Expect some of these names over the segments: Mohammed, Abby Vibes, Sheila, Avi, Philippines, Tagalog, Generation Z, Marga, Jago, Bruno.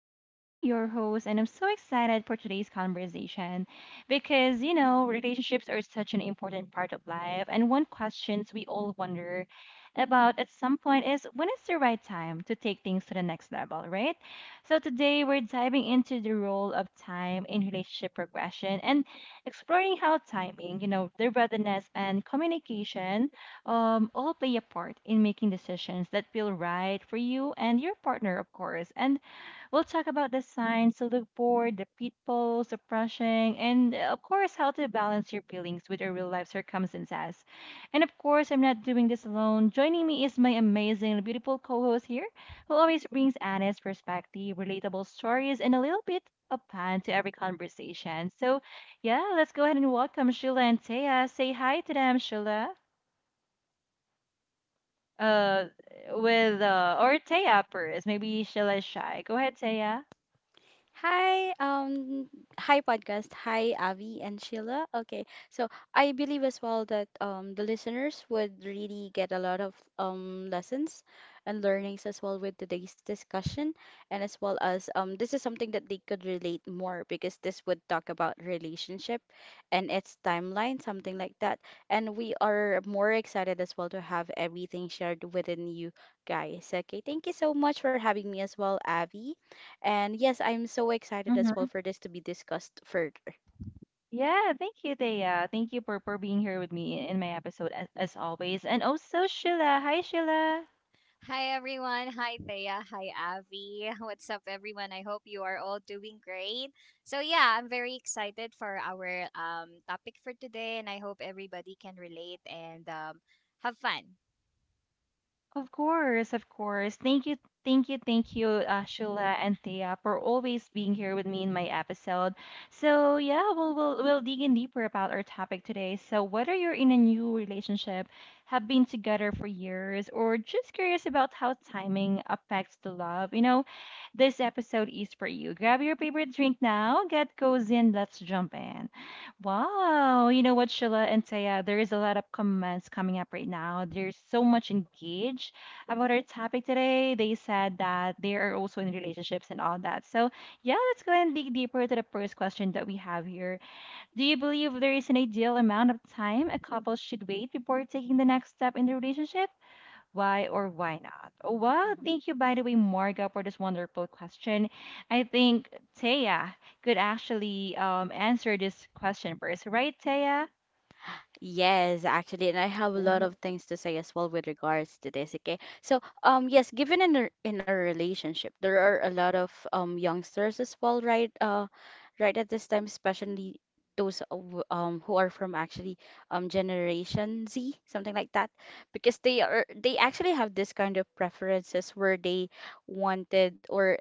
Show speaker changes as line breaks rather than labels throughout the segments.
I'm Abby, your host, and I'm so excited for today's conversation because, you know, relationships are such an important part of life. And one questions we all wonder about at some point is when is the right time to take things to the next level, right? So today we're diving into the role of time in relationship progression and exploring how timing, you know, the readiness and communication all play a part in making decisions that feel right for you and your partner, of course. And we'll talk about the signs to look for, the pitfalls, the brushing, and of course, how to balance your feelings with your real life circumstances. And of course, I'm not doing this alone. Joining me is my amazing, beautiful co host here, who always brings honest perspective, relatable stories, and a little bit of fun to every conversation. So, yeah, let's go ahead and welcome Sheila and Taya. Say hi to them, Sheila uh with or Taya first. Maybe she'll is shy. Go ahead, Taya.
Hi, hi podcast. Hi, Avi and Sheila. Okay, so I believe as well that the listeners would really get a lot of lessons and learnings as well with today's discussion, and as well as this is something that they could relate more because this would talk about relationship and its timeline, something like that. And we are more excited as well to have everything shared within you guys. Okay, thank you so much for having me as well, Avi. And yes, I'm so excited as well
Mm-hmm.
for this to be discussed further.
Yeah, thank you, Taya. Thank you for being here with me in my episode as always. And also Sheila. Hi Sheila.
Hi everyone. Hi Thea. Hi Avi. What's up everyone? I hope you are all doing great. So yeah, I'm very excited for our topic for today, and I hope everybody can relate and have fun.
Of course, of course. Thank you, thank you, thank you, Shula and Thea, for always being here with me in my episode. So yeah, we'll dig in deeper about our topic today. So whether you're in a new relationship, have been together for years, or just curious about how timing affects the love, you know, this episode is for you. Grab your favorite drink now, get cozy, and let's jump in. Wow, you know what, Sheila and Taya, there is a lot of comments coming up right now. There's so much engaged about our topic today. They said that they are also in relationships and all that. So, yeah, let's go ahead and dig deeper to the first question that we have here. Do you believe there is an ideal amount of time a couple should wait before taking the next step in the relationship? Why or why not? Oh, wow.
Mhm,
Thank you, by the way, Marga, for this wonderful question. I think Taya could actually answer this question first, right, Taya?
Yes, actually, and I have a lot of things to say as well with regards to this, okay? So, yes, given in a relationship, there are a lot of youngsters as well, right? Right at this time, especially those who are from actually Generation Z, something like that, because they actually have this kind of preferences where they wanted or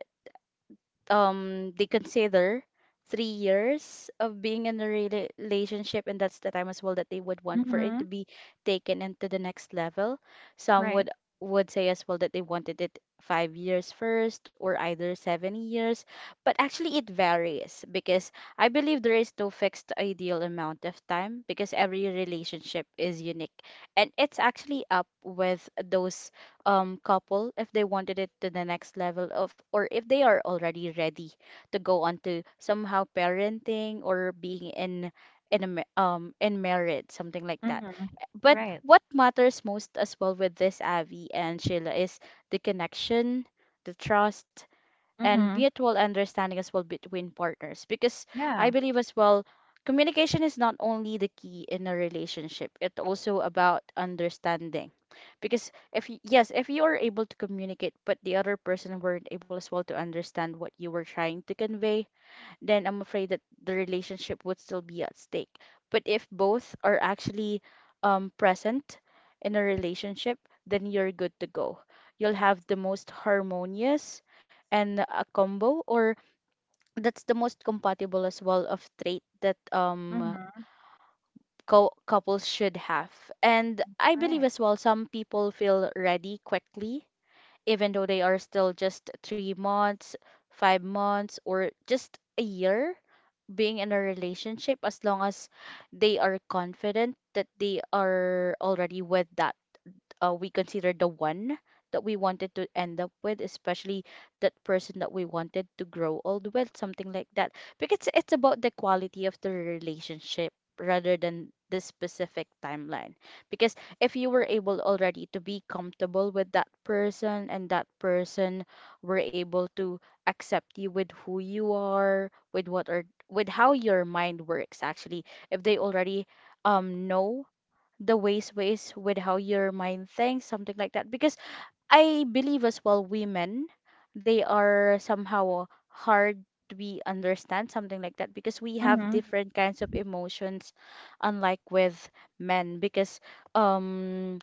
they consider 3 years of being in a relationship, and that's the time as well that they would want for it
Mm-hmm.
to be taken into the next level. Some
Right.
would say as well that they wanted it 5 years first or either 7 years, but actually it varies because I believe there is no fixed ideal amount of time because every relationship is unique, and it's actually up with those couple if they wanted it to the next level of, or if they are already ready to go on to somehow parenting or being in a, in marriage, something like that.
Mm-hmm.
But
Right.
what matters most as well with this, Avi and Sheila, is the connection, the trust, and
Mm-hmm.
mutual understanding as well between partners because I
Yeah.
believe as well communication is not only the key in a relationship, it's also about understanding because if yes, if you are able to communicate but the other person weren't able as well to understand what you were trying to convey, then I'm afraid that the relationship would still be at stake. But if both are actually present in a relationship, then you're good to go. You'll have the most harmonious and a combo, or that's the most compatible as well of trait that
Mm-hmm.
co couples should have. And I believe
Right.
as well, some people feel ready quickly, even though they are still just 3 months, 5 months, or just a year being in a relationship as long as they are confident that they are already with that we consider the one that we wanted to end up with, especially that person that we wanted to grow old with, something like that. Because it's about the quality of the relationship rather than the specific timeline. Because if you were able already to be comfortable with that person and that person were able to accept you with who you are, with what are with how your mind works actually, if they already know the ways with how your mind thinks, something like that. Because I believe as well women, they are somehow hard to be understand, something like that, because we have
Mm-hmm.
different kinds of emotions, unlike with men. Because um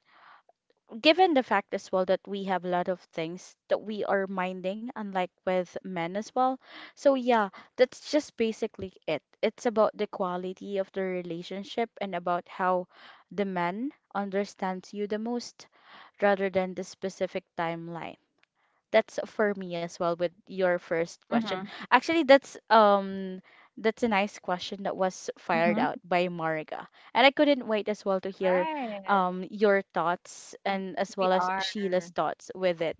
given the fact as well that we have a lot of things that we are minding, unlike with men as well. So, yeah, that's just basically it. It's about the quality of the relationship and about how the man understands you the most rather than the specific timeline. That's for me as well with your first question.
Mm-hmm.
Actually, that's a nice question that was fired
Mm-hmm.
out by Marga. And I couldn't wait as well to hear
Right.
your thoughts
W-
and as
We
well as
are.
Sheila's thoughts with it.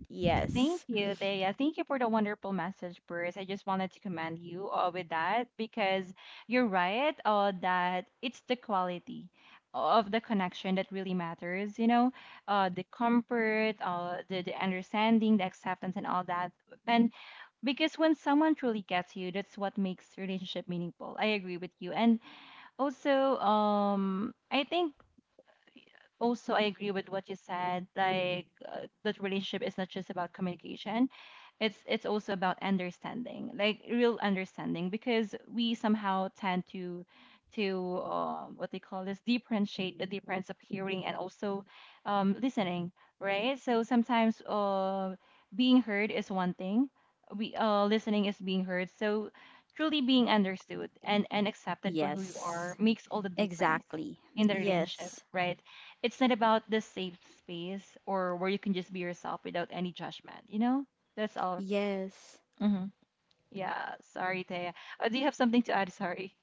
Thank
Yes.
you, Thea. Thank you for the wonderful message, Bruce. I just wanted to commend you with that because you're right that it's the quality of the connection that really matters, you know, the comfort, uh, the understanding, the acceptance, and all that. And because when someone truly gets you, that's what makes relationship meaningful. I agree with you. And also, I think also I agree with what you said like that relationship is not just about communication it's also about understanding like real understanding because we somehow tend to what they call this differentiate the difference of hearing and also listening right so sometimes being heard is one thing we listening is being heard so truly being understood and accepted for who you are
Yes.
makes all the difference
Exactly.
in the relationship
Yes.
right it's not about the safe space or where you can just be yourself without any judgment, you know? That's all.
Yes.
Hmm Yeah, sorry, Thea. Do you have something to add? Sorry.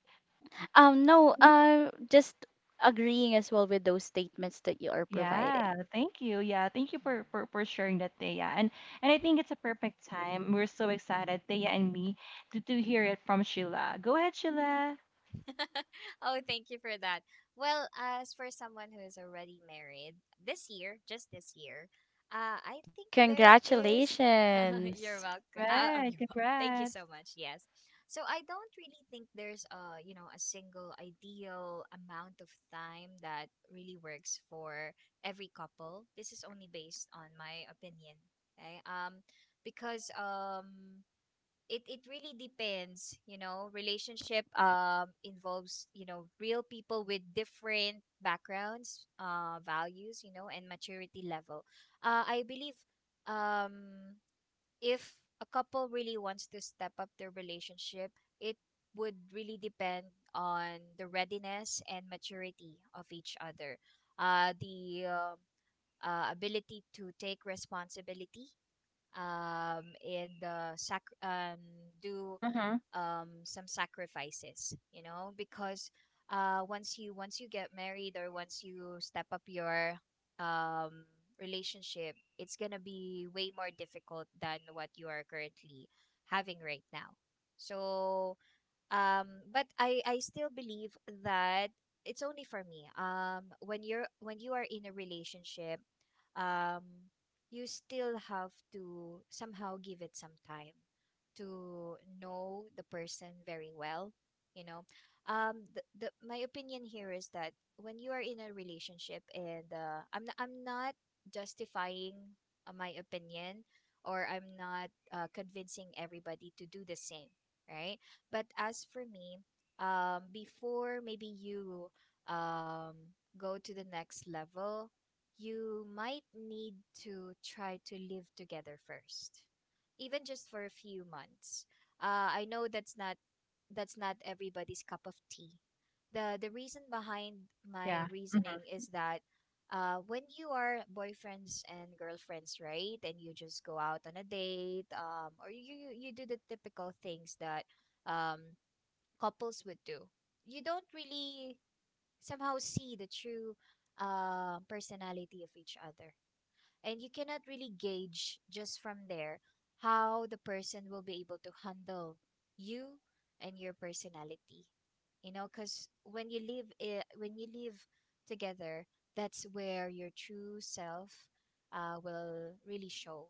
No, just agreeing as well with those statements that you are
Yeah,
providing.
thank you. Yeah, thank you
mhm.
for sharing that, Thea. And I think it's a perfect time. We're so excited, Thea and me, to hear it from Sheila. Go ahead, Sheila.
Oh, thank you for that. Well, as for someone who is already married this year, just this year, I think there is. You're
Congratulations.
welcome.
Right,
You're welcome. Thank you
congrats.
so much. Yes. So I don't really think there's, a you know, a single ideal amount of time that really works for every couple. This is only based on my opinion. Okay. Because it it really depends, you know. Relationship involves, you know, real people with different backgrounds, values, you know, and maturity level. I believe um if a couple really wants to step up their relationship, it would really depend on the readiness and maturity of each other, the ability to take responsibility and do
Mm-hmm.
some sacrifices, you know, because once you get married or once you step up your um, relationship, it's gonna be way more difficult than what you are currently having right now. So but I still believe that, it's only for me, when you are in a relationship, um you still have to somehow give it some time to know the person very well, you know. The My opinion here is that when you are in a relationship, and I'm not justifying my opinion, or I'm not convincing everybody to do the same, right? But as for me, before maybe you um, go to the next level, you might need to try to live together first, even just for a few months. I know that's not everybody's cup of tea. The reason behind my
Yeah.
reasoning
Mm-hmm.
is that, when you are boyfriends and girlfriends, right, and you just go out on a date, or you do the typical things that um, couples would do, you don't really somehow see the true personality of each other, and you cannot really gauge just from there how the person will be able to handle you and your personality. You know, because when you live together, that's where your true self will really show,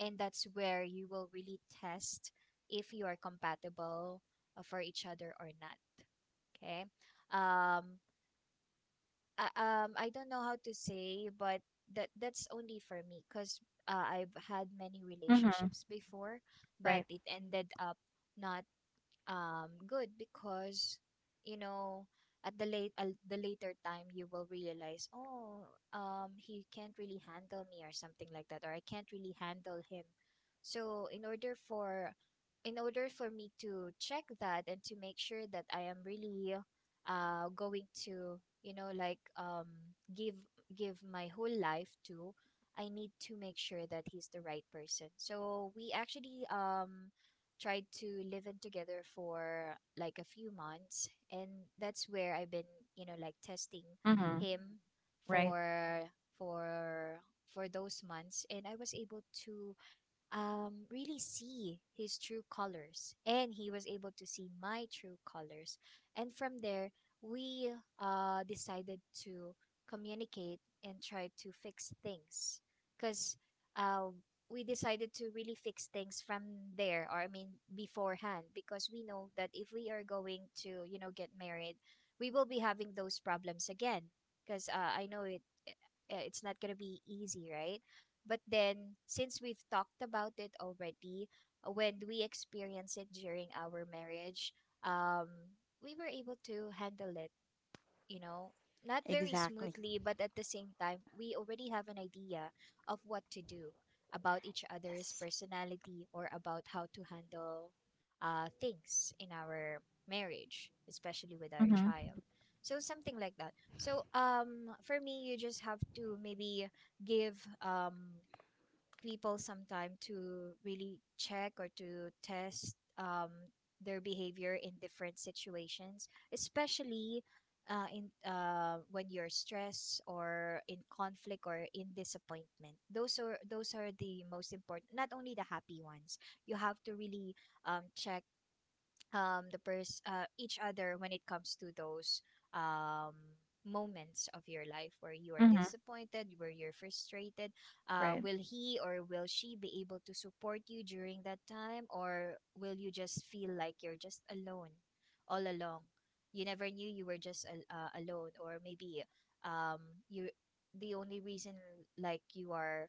and that's where you will really test if you are compatible for each other or not. Okay. um I don't know how to say, but that that's only for me because I've had many
Mm-hmm.
relationships before, but
Right.
it ended up not good because, you know, at the later time you will realize, oh, he can't really handle me, or something like that, or I can't really handle him. So in order for me to check that, and to make sure that I am really going to, you know, like, give give my whole life to, I need to make sure that he's the right person. So we actually tried to live in together for like a few months, and that's where I've been, you know, like, testing
Mm-hmm.
him
Right.
for for those months, and I was able to really see his true colors, and he was able to see my true colors. And from there we decided to communicate and try to fix things, because uh, we decided to really fix things from there, or I mean beforehand, because we know that if we are going to, you know, get married, we will be having those problems again, because I know it, it's not going to be easy, right? But then, since we've talked about it already, when we experienced it during our marriage, um, we were able to handle it, you know, not very
Exactly.
smoothly, but at the same time, we already have an idea of what to do about each other's
Yes.
personality, or about how to handle things in our marriage, especially with our
Mm-hmm.
child. So, something like that. So for me, you just have to maybe give people sometime to really check or to test their behavior in different situations, especially in when you're stressed or in conflict or in disappointment. Those are the most important. Not only the happy ones. You have to really check each other when it comes to those um moments of your life where you are
Mm-hmm.
disappointed, where you're frustrated.
Right.
Will he, or will she, be able to support you during that time, or will you just feel like you're just alone all along? You never knew you were just alone, or maybe um you the only reason, like, you are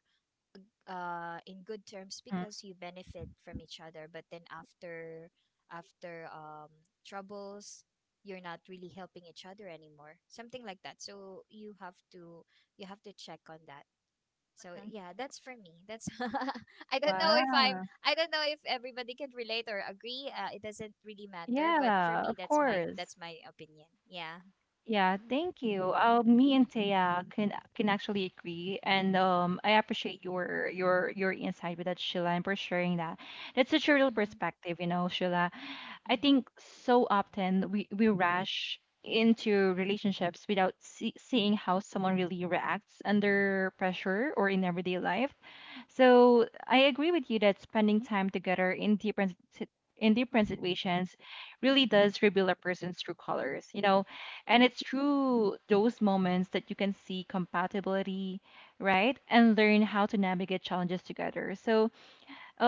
in good terms because you benefit from each other, but then after after um troubles, you're not really helping each other anymore, something like that. So you have to, you have to check on that. So
Mm-hmm.
yeah, that's for me, that's i don't know if i'm
Wow.
I don't know if everybody can relate or agree. It doesn't really matter, but for
Yeah,
me,
of
that's
course.
my opinion. Yeah.
Yeah, thank you.
Hmm.
Me and Taya can actually agree, and I appreciate your your insight with that, Sheila, and for sharing that. That's such a real
Hmm.
perspective, you know, Sheila. I
Hmm.
think so often we rush into relationships without seeing how someone really reacts under pressure or in everyday life so I agree with you that spending time together in different situations really does reveal a person's true colors, you know. And it's through those moments that you can see compatibility, right? And learn how to navigate challenges together. So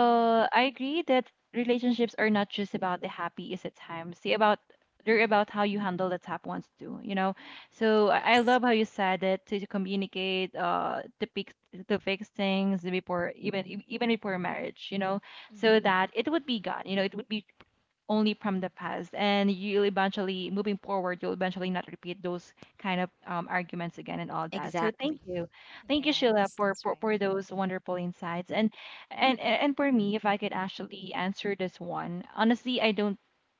Hmm.
I agree that relationships are not just about the happy is at times. They're about how you handle the tough ones too. You know, so I
Yes.
love how you said that to communicate, uh, to fix things before even even before marriage. You know, so
Hmm.
that it would be gone. You know, it would be only from the past and you'll eventually moving forward you'll eventually not repeat those kind of arguments again and all that so
Exactly.
thank you
Yes,
sheila
that's right.
for those wonderful insights and and for me if I could actually answer this one honestly I don't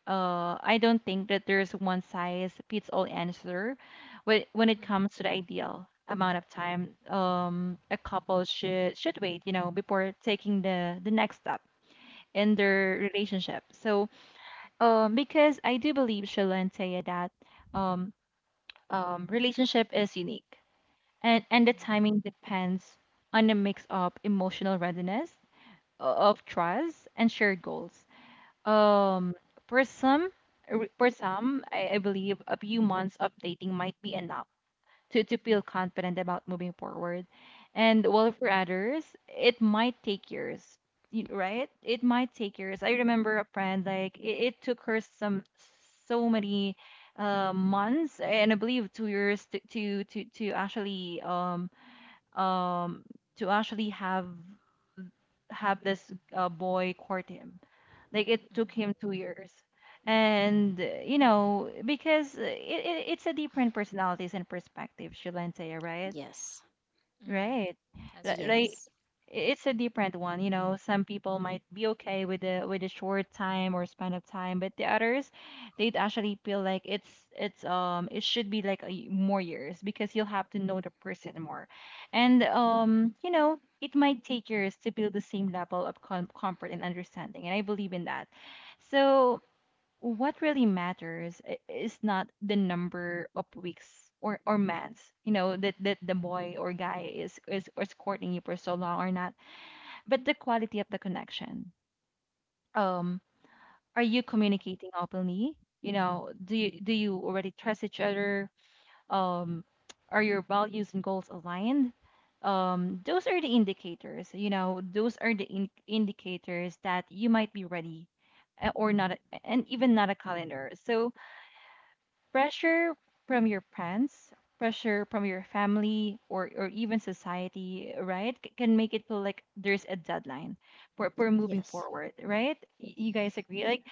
I don't think that there's one size fits all answer when it
Hmm.
comes to the ideal amount of time a couple should wait you know before taking the next step in their relationship so because I do believe, Shayla and Taya, that um, relationship is unique, and the
Mhm,
timing depends on a mix of emotional readiness, of trust, and shared goals.
mhm,
Um, for some, for some, I believe a few months of dating might be enough to feel confident about moving forward. And
mhm,
while for others, it might take years, right? It might take years. I remember a friend, like, it took her some so many months and I believe 2 years um to actually have this boy court him. Like it
mhm,
took him 2 years and you know because it's a different personalities and perspective shilantaya right
Yes.
mhm.
Right.
That's right.
Like
Yes.
it's a different one, you know. Some people might be okay with the with a short time or span of time, but the others, they'd actually feel like it's it should be like more years because you'll have to know the person more, and you know it might take years to build the same level of comfort and understanding, and I believe in that. So what really matters is not the number of weeks or months you know that the boy or guy is courting you for so long or not but the quality of the connection um are you
Mhm.
communicating openly you know do you already trust each other um are your values and goals aligned those are the indicators you know those are the indicators that you might be ready or not a- and even not a calendar so pressure from your parents, pressure from your family, or even society, right? Can make it feel like there's a deadline for moving
Yes.
forward, right? You guys agree? Like,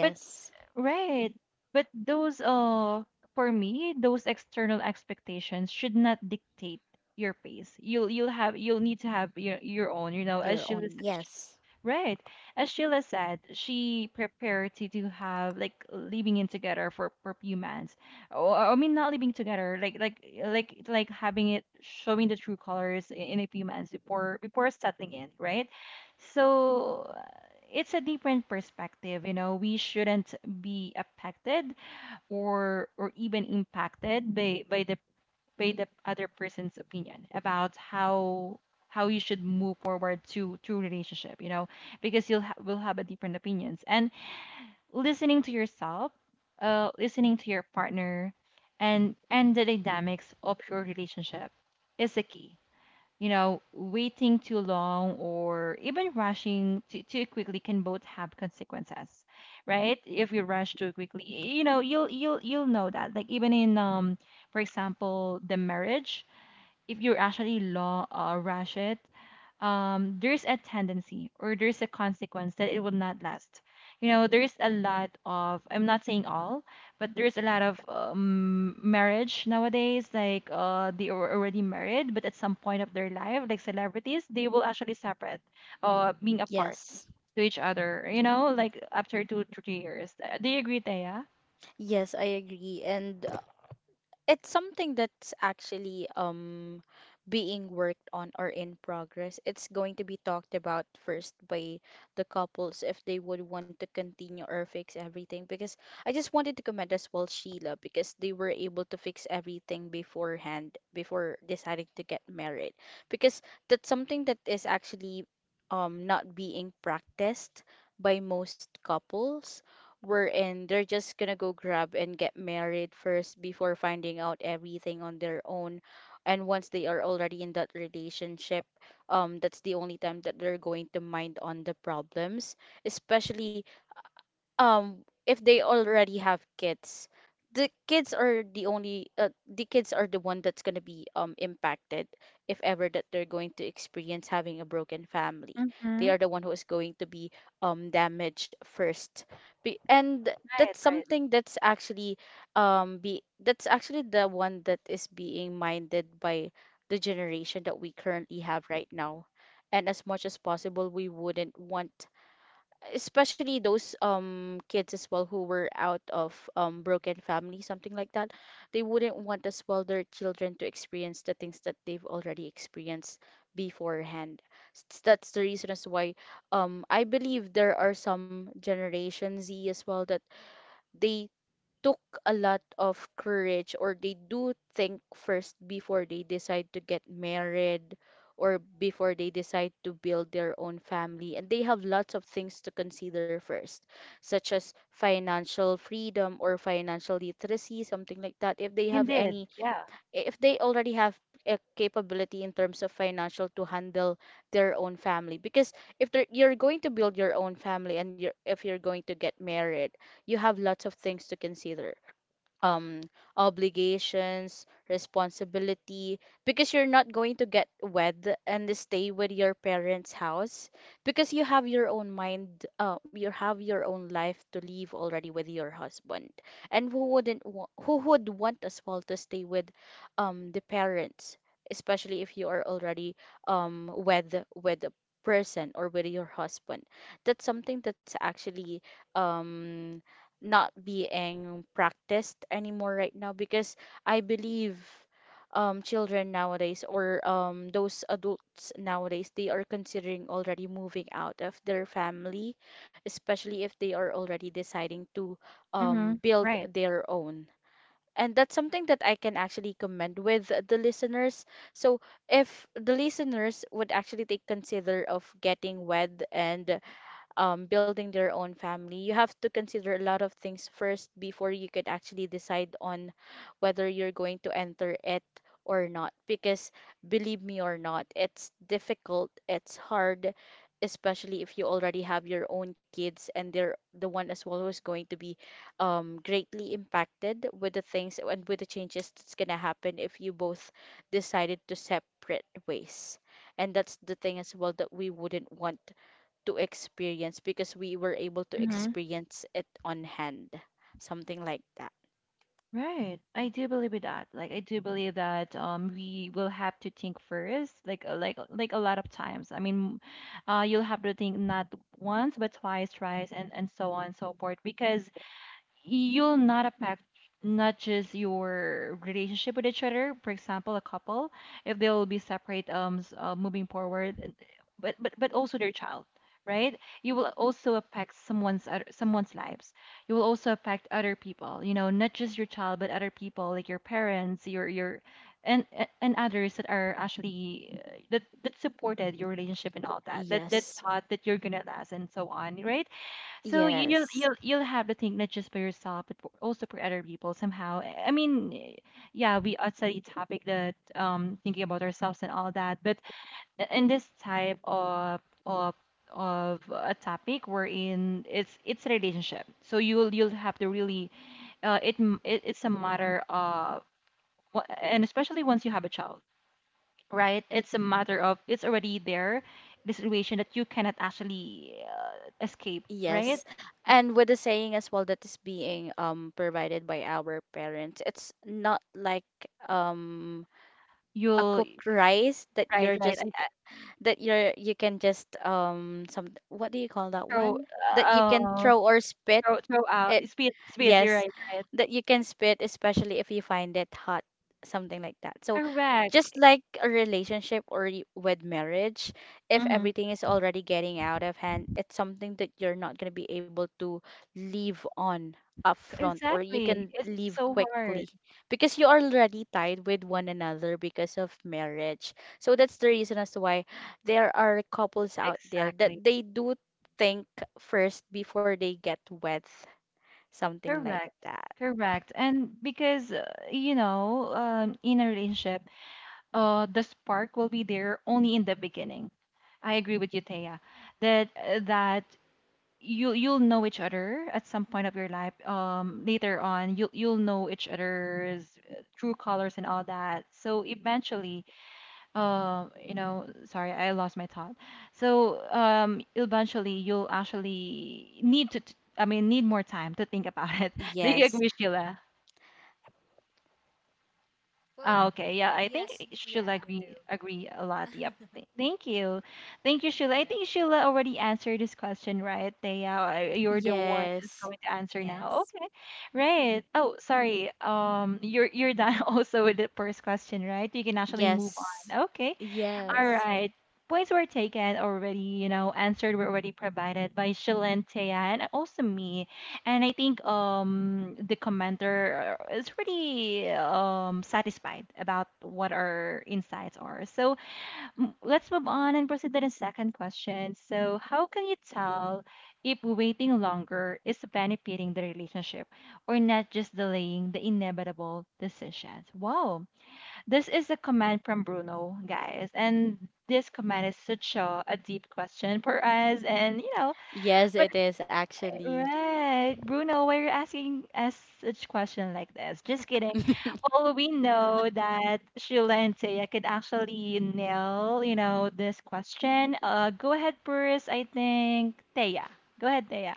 but Right. But those for me, those external expectations should not dictate your pace. You'll need to have your own, you know, as
You're
Sheila
on.
said.
Yes.
Right. As Sheila said, she prepared to have like living in together for few months. Or I mean not living together, like having it showing the true colors in a few months before settling in, right? So it's a different perspective you know we shouldn't be affected or even impacted by by the other person's opinion about how you should move forward to relationship you know because will have a different opinions and listening to yourself listening to your partner and the dynamics of your relationship is the key you know, waiting too long or even rushing too quickly can both have consequences, right? If you rush too quickly, you know, you'll know that. Like even in for example, the marriage, if you actually law rush it there's a tendency or there's a consequence that it will not last. You know, there's a lot of, I'm not saying all, but there's a lot of marriage nowadays, like they are already married, but at some point of their life, like celebrities, they will actually separate, being apart
Yes.
to each other, you know, like after 2 to 3 years. Do you agree, Thea?
Yes, I agree. And it's something that's actually being worked on or in progress. It's going to be talked about first by the couples if they would want to continue or fix everything. Because I just wanted to comment as well, Sheila, because they were able to fix everything beforehand before deciding to get married. Because that's something that is actually not being practiced by most couples wherein they're just gonna go grab and get married first before finding out everything on their own. And once they are already in that relationship, that's the only time that they're going to mind on the problems, especially um if they already have kids, the kids are the only the kids are the one that's going to be impacted. If ever that they're going to experience having a broken family, they
Mm-hmm.
are the one who is going to be damaged first, and that's
Right, right.
something that's actually be that's actually the one that is being minded by the generation that we currently have right now. And as much as possible we wouldn't want, especially those kids as well who were out of broken family, something like that, they wouldn't want as well their children to experience the things that they've already experienced beforehand. That's the reason as why I believe there are some Generation Z as well that they took a lot of courage or they do think first before they decide to get married or before they decide to build their own family, and they have lots of things to consider first such as financial freedom or financial literacy, something like that, if they have
Indeed.
any,
Yeah.
if they already have a capability in terms of financial to handle their own family. Because if you're going to build your own family and you're if you're going to get married, you have lots of things to consider: um obligations, responsibility, because you're not going to get wed and stay with your parents' house because you have your own mind, you have your own life to live already with your husband. And who wouldn't wa- who would want as well to stay with the parents, especially if you are already wed with a person or with your husband. That's something that's actually um not being practiced anymore right now because I believe children nowadays or those adults nowadays, they are considering already moving out of their family, especially if they are already deciding to
Mm-hmm.
build
Right.
their own. And that's something that I can actually commend with the listeners. So if the listeners would actually take consider of getting wed and building their own family, you have to consider a lot of things first before you could actually decide on whether you're going to enter it or not. Because believe me or not, it's difficult, it's hard, especially if you already have your own kids and they're the one as well who's going to be greatly impacted with the things and with the changes that's going to happen if you both decided to separate ways. And that's the thing as well that we wouldn't want to experience because we were able to
Mm-hmm.
experience it on hand, something like that.
Right. I do believe in that. Like I do believe that we will have to think first, like a lot of times. I mean, you'll have to think not once but twice, thrice and so on and so forth because you'll not affect not just your relationship with each other. For example, a couple, if they will be separate moving forward but also their child, right? You will also affect someone's lives. You will also affect other people, you know, not just your child but other people, like your parents, your and others that are actually that supported your relationship and all that, that
Yes,
thought that you're gonna last and so on, right? So you'll
yes,
you'll you'll have to think not just for yourself, but also for other people somehow. I mean, yeah, we outside the topic that thinking about ourselves and all that, but in this type of of a topic we're in, it's relationship. So you'll have to really, it it's a matter of, and especially once you have a child, right? It's a matter of, it's already there, the situation that you cannot actually escape, right?
yes. And with the saying as well that is being provided by our parents, it's not like um a
You'll
cooked rice that
right, right, and,
you can just some what do you call that
throw
one?
uh,
That you can
oh,
throw or spit.
throw out, spit you're
Yes,
right, right.
that you can spit, especially if you find it hot, something like that. So,
Correct.
just like a relationship or with marriage, if
Mhm.
everything is already getting out of hand, it's something that you're not going to be able to leave on
C
upfront or you
Exactly.
can
It's
leave
so hard.
quickly because you are already tied with one another because of marriage. So, that's the reason as to why there are couples out there
Exactly.
that they do think first before they get wed, something like
Correct.
that.
Correct. And because, you know, in a relationship, the spark will be there only in the beginning. I agree with you, Thea, that that you you'll know each other at some point of your life. Later on, you will, you'll know each other's true colors and all that. So eventually, you know, sorry, I lost my thought. So eventually you'll actually need to I mean need more time to think about it. Do you
Yes,
agree, Sheila?
Well,
Ah, okay. Yeah, I think
yes, yeah,
Sheila
I do.
agree a lot. Yep. Thank you. Thank you, Sheila. I
Yes.
think Sheila already answered this question, right? They, you're
Mhm.
the one that's
yes,
going to answer now.
Yes.
Okay. Right. Oh, sorry. You're done also with the first question, right? You can actually move
yes,
on. Okay.
Mhm,
All
yes,
right. Points were taken already, you know, answered were already provided by Shilen Taya and also me. And I think the commenter is pretty satisfied about what our insights are. So
mhm,
let's move on and proceed to the second question. So how can you tell if waiting longer is benefiting the relationship or not just delaying the inevitable decisions? Wow. This is a command from Bruno, guys, and this command is such a deep question for us. And you know,
yes,
but
it is actually.
right, Bruno, why are you asking us such question like this? Just kidding. Well, we know that Sheila and Taya could actually nail, you know, this question. Go ahead first. I think Taya. Go ahead, Taya.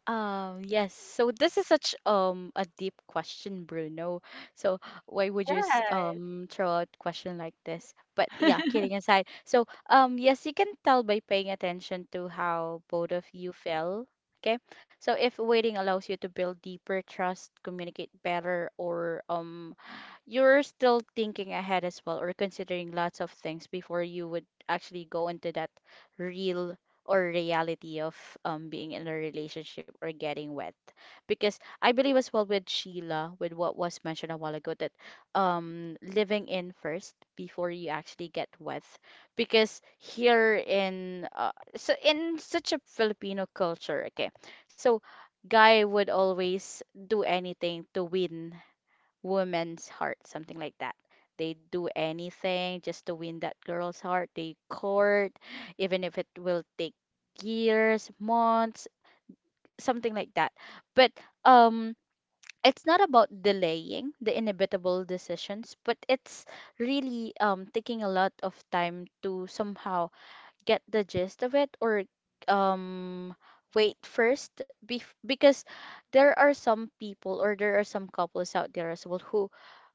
Yes, so this is such a deep question, Bruno. So why would you
Right.
throw out question like this? But yeah, kidding aside. So yes, you can tell by paying attention to how both of you feel. Okay. So if waiting allows you to build deeper trust, communicate better, or you're still thinking ahead as well or considering lots of things before you would actually go into that real or reality of being in a relationship or getting wet, because I believe as well with Sheila, with what was mentioned a while ago, that living in first before you actually get wet, because here in so in such a Filipino culture, okay, so guy would always do anything to win woman's heart, something like that. They do anything just to win that girl's heart. They court, even if it will take years, months, something like that. But um, it's not about delaying the inevitable decisions, but it's really taking a lot of time to somehow get the gist of it or um wait first bef because there are some people or there are some couples out there as well who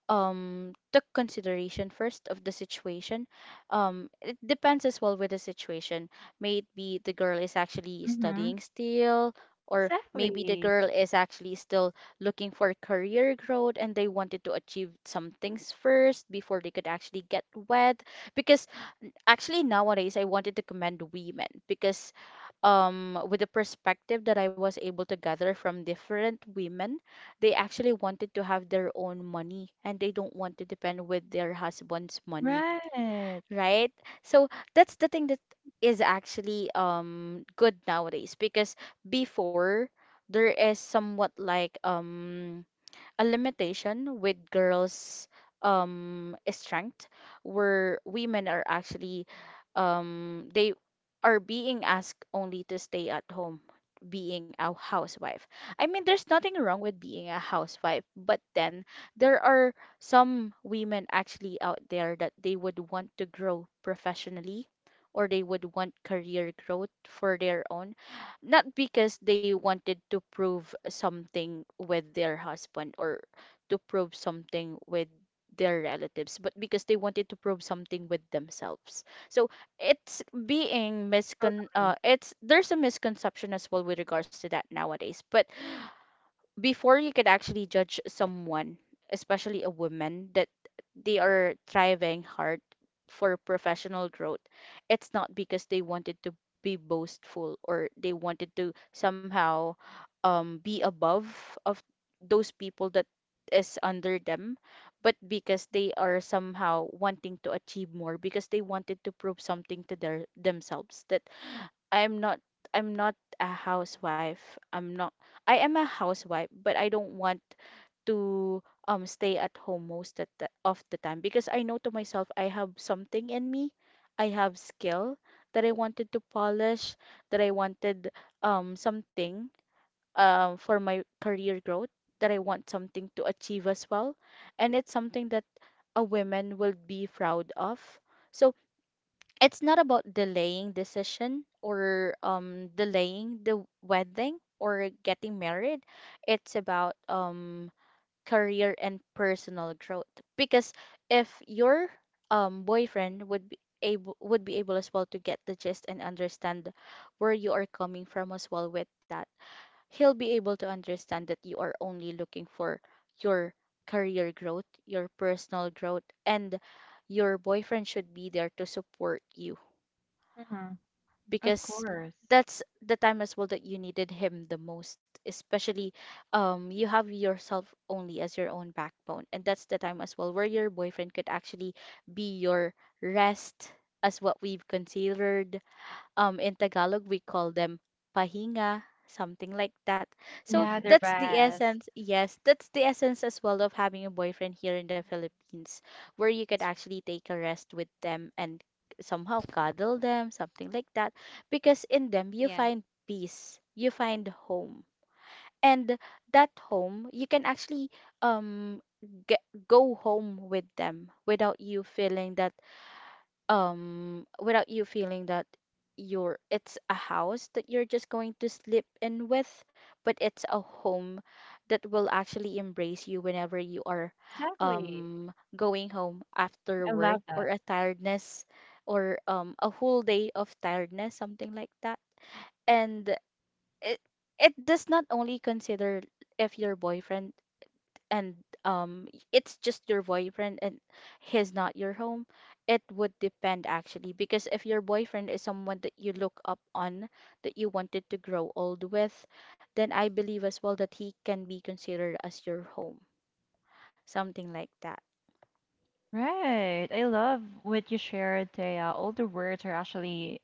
took consideration first of the situation. It depends as well with the situation, may it be the girl is actually
Mm-hmm.
studying still, or maybe the
Exactly.
girl is actually still looking for career growth and they wanted to achieve some things first before they could actually get wed. Because actually nowadays I wanted to commend women because with the perspective that I was able to gather from different women, they actually wanted to have their own money and they don't want to depend with their husband's money,
Right.
right? So that's the thing that is actually good nowadays, because before there is somewhat like a limitation with girls' strength, where women are actually they are being asked only to stay at home, being a housewife. I mean, there's nothing wrong with being a housewife, but then there are some women actually out there that they would want to grow professionally, or they would want career growth for their own, not because they wanted to prove something with their husband, or to prove something with their relatives, but because they wanted to prove something with themselves. So it's being miscon
Totally.
it's there's a misconception as well with regards to that nowadays. But before you could actually judge someone, especially a woman, that they are thriving hard for professional growth, it's not because they wanted to be boastful, or they wanted to somehow be above of those people that is under them, but because they are somehow wanting to achieve more because they wanted to prove something to their themselves that I'm not I'm not a housewife. I'm not I am a housewife, but I don't want to stay at home most of the time, because I know to myself I have something in me. I have skill that I wanted to polish, that I wanted something for my career growth, that I want something to achieve as well. And it's something that a woman will be proud of. So it's not about delaying decision or delaying the wedding or getting married. It's about career and personal growth. Because if your boyfriend would be able as well to get the gist and understand where you are coming from as well with that, he'll be able to understand that you are only looking for your career growth, your personal growth, and your boyfriend should be there to support you,
Mm-hmm. Of
because
course.
that's the time as well that you needed him the most, especially you have yourself only as your own backbone, and that's the time as well where your boyfriend could actually be your rest. As what we've considered, in Tagalog we call them pahinga, something like that. So
Yeah, they're
that's the
best.
essence. Yes, that's the essence as well of having a boyfriend here in the
mhm.
Philippines, where you could
That's right.
actually take a rest with them and somehow cuddle them, something like that, because in them you find peace, you find home. And that home, you can actually um get, go home with them without you feeling that without you feeling that you're it's a house that you're just going to sleep in with, but it's a home that will actually embrace you whenever you are
Exactly.
going home after
I
work
love
or
that.
a tiredness or a whole day of tiredness, something like that. And it it does not only consider if your boyfriend and um it's just your boyfriend and he's not your home. It would depend actually, because if your boyfriend is someone that you look up on, that you wanted to grow old with, then I believe as well that he can be considered as your home, something like that.
Right. I love what you shared, Thea. All the words are actually,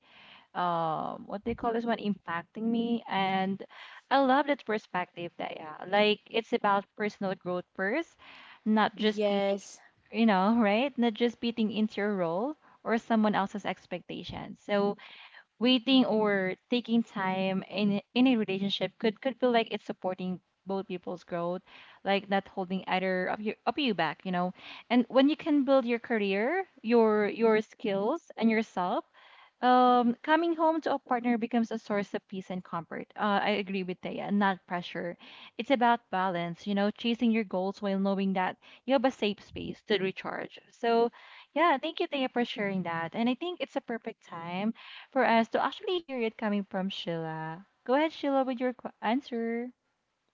what they call this one, impacting me. And I love that perspective, Thea. Like, it's about personal growth first, not just beating,
Yes.
you know, right? Not just beating into your role or someone else's expectations. So, waiting or taking time in a relationship could feel like it's supporting both people's growth, like not holding either of you back, you know. And when you can build your career, your skills and yourself, coming home to a partner becomes a source of peace and comfort. I agree with Thea, not pressure. It's about balance, you know, chasing your goals while knowing that you have a safe space to recharge. So, yeah, thank you, Thea, for sharing that. And I think it's a perfect time for us to actually hear it coming from Sheila. Go ahead, Sheila, with your answer.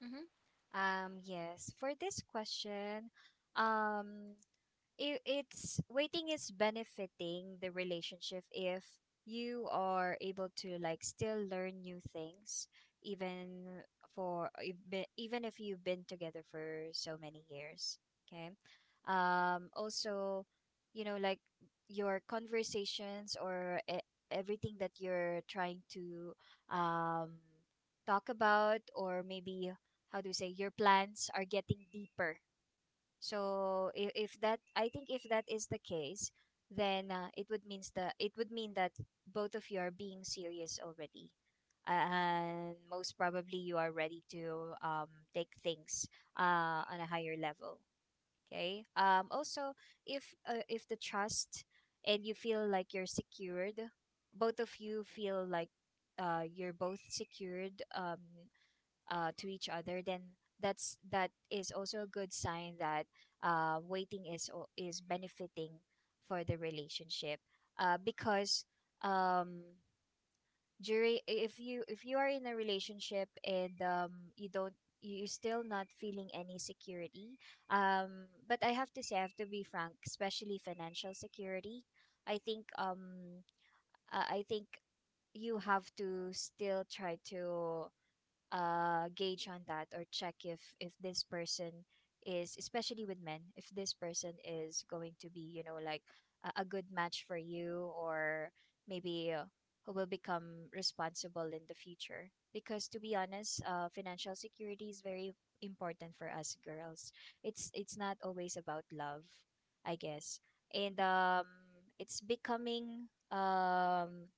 Yeah. Mhm. Yes, for this question, um, it, it's waiting is benefiting the relationship if you are able to, like, still learn new things, even for if be- even if you've been together for so many years. Okay. Also, you know, like, your conversations, or everything that you're trying to um talk about, or, maybe, how do you say, your plans are getting deeper. So if that, I think if that is the case, then it would mean that both of you are being serious already, and most probably you are ready to take things on a higher level. Okay. Also, if the trust, and you feel like you're secured, both of you feel like you're both secured, to each other, then that's, that is also a good sign that waiting is is benefiting for the relationship. Because um, during, if you are in a relationship, and you don't, you- you're still not feeling any security, but I have to say, I have to be frank, especially financial security. i think um I think you have to still try to gauge on that, or check if this person is, especially with men, if this person is going to be, you know, like a good match for you, or maybe who will become responsible in the future. Because to be honest, financial security is very important for us girls. It's not always about love, I guess. and um it's becoming um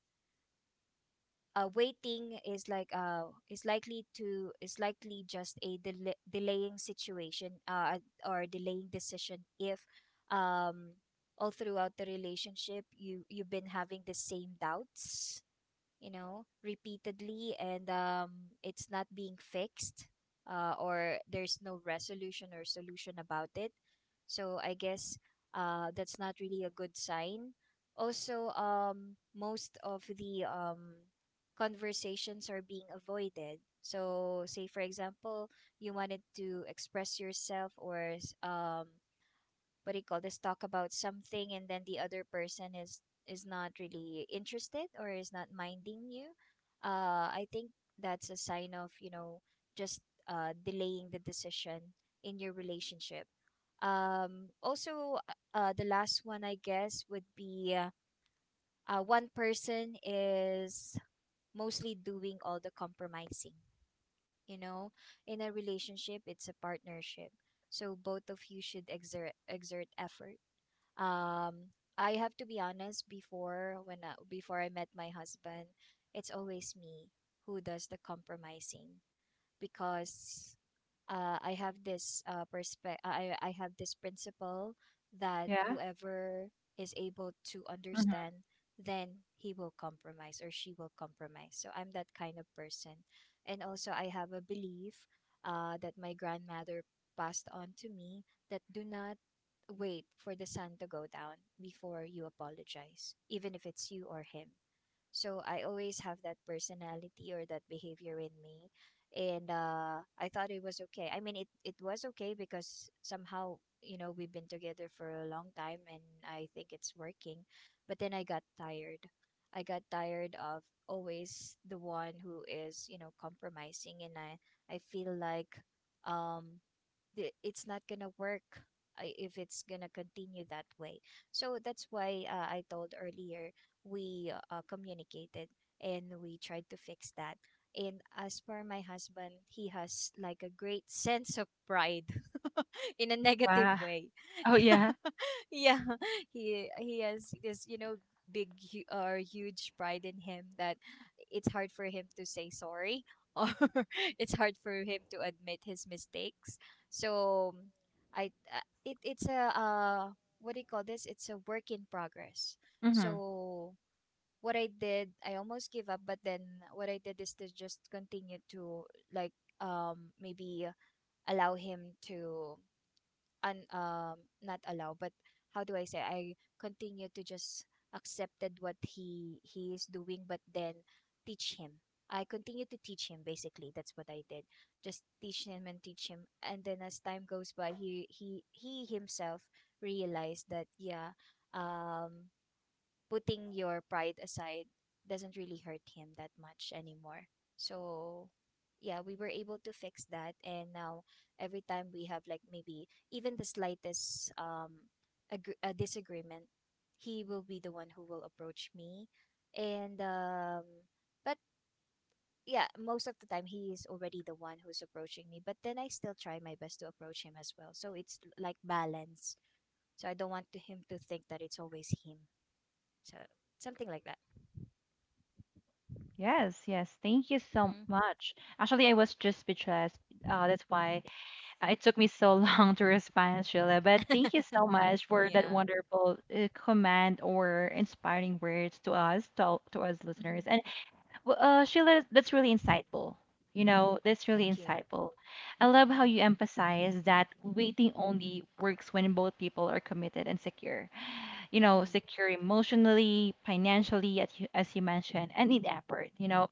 uh, waiting is like, is likely just a delaying situation, or delaying decision, if um all throughout the relationship you you've been having the same doubts, you know, repeatedly, and it's not being fixed, or there's no resolution or solution about it. So I guess that's not really a good sign. Also, most of the conversations are being avoided. So, say for example, you wanted to express yourself, or what do you call this, talk about something, and then the other person is not really interested, or is not minding you. I think that's a sign of, you know, just delaying the decision in your relationship. Also, the last one, I guess, would be one person is mostly doing all the compromising. You know, in a relationship, it's a partnership. So both of you should exert effort. Um, I have to be honest. Before, when I, before I met my husband, it's always me who does the compromising, because I have this I have this principle that
Yeah.
whoever is able to
Hmm.
understand, then he will compromise, or she will compromise. So I'm that kind of person. And also, I have a belief that my grandmother passed on to me, that do not wait for the sun to go down before you apologize, even if it's you or him. So I always have that personality, or that behavior, in me. And I thought it was okay. I mean, it was okay, because somehow, you know, we've been together for a long time, and I think it's working. But then I got tired. I got tired of always the one who is, compromising. And I feel like um, it's not gonna work if it's gonna continue that way. So that's why I told earlier we communicated and we tried to fix that. And as for my husband, he has like a great sense of pride in a
Wow.
negative way.
Oh, yeah.
Yeah. He has this, you know, big hu- or huge pride in him that it's hard for him to say sorry, or it's hard for him to admit his mistakes. So it's a what do you call this, it's a work in progress.
Mm-hmm.
So what I did, I almost gave up, but then what I did is to just continue to, like, maybe allow him to un not allow, but how do I say, I continue to just accepted what he is doing, but then teach him. I continue to teach him. Basically that's what I did, just teach him and teach him. And then as time goes by, he himself realized that, yeah, um putting your pride aside doesn't really hurt him that much anymore. So, yeah, we were able to fix that. And now, every time we have, like, maybe even the slightest a disagreement, he will be the one who will approach me. And, um, but yeah, most of the time, he is already the one who's approaching me. But then I still try my best to approach him as well. So, it's like balance. So, I don't want to him to think that it's always him. So, something like that.
Yes, yes. Thank you so
Mm-hmm.
much. Actually, I was just speechless. That's why it took me so long to respond, Sheila, but thank you so much for that
Yeah.
wonderful command or inspiring words to us, to us
Mm-hmm.
listeners. And Sheila, that's really insightful. You know,
Thank
that's really
you.
insightful. I love how you emphasize that waiting only works when both people are committed and secure, you know,
Mm-hmm.
secure emotionally, financially, as you mentioned, and need effort, you know.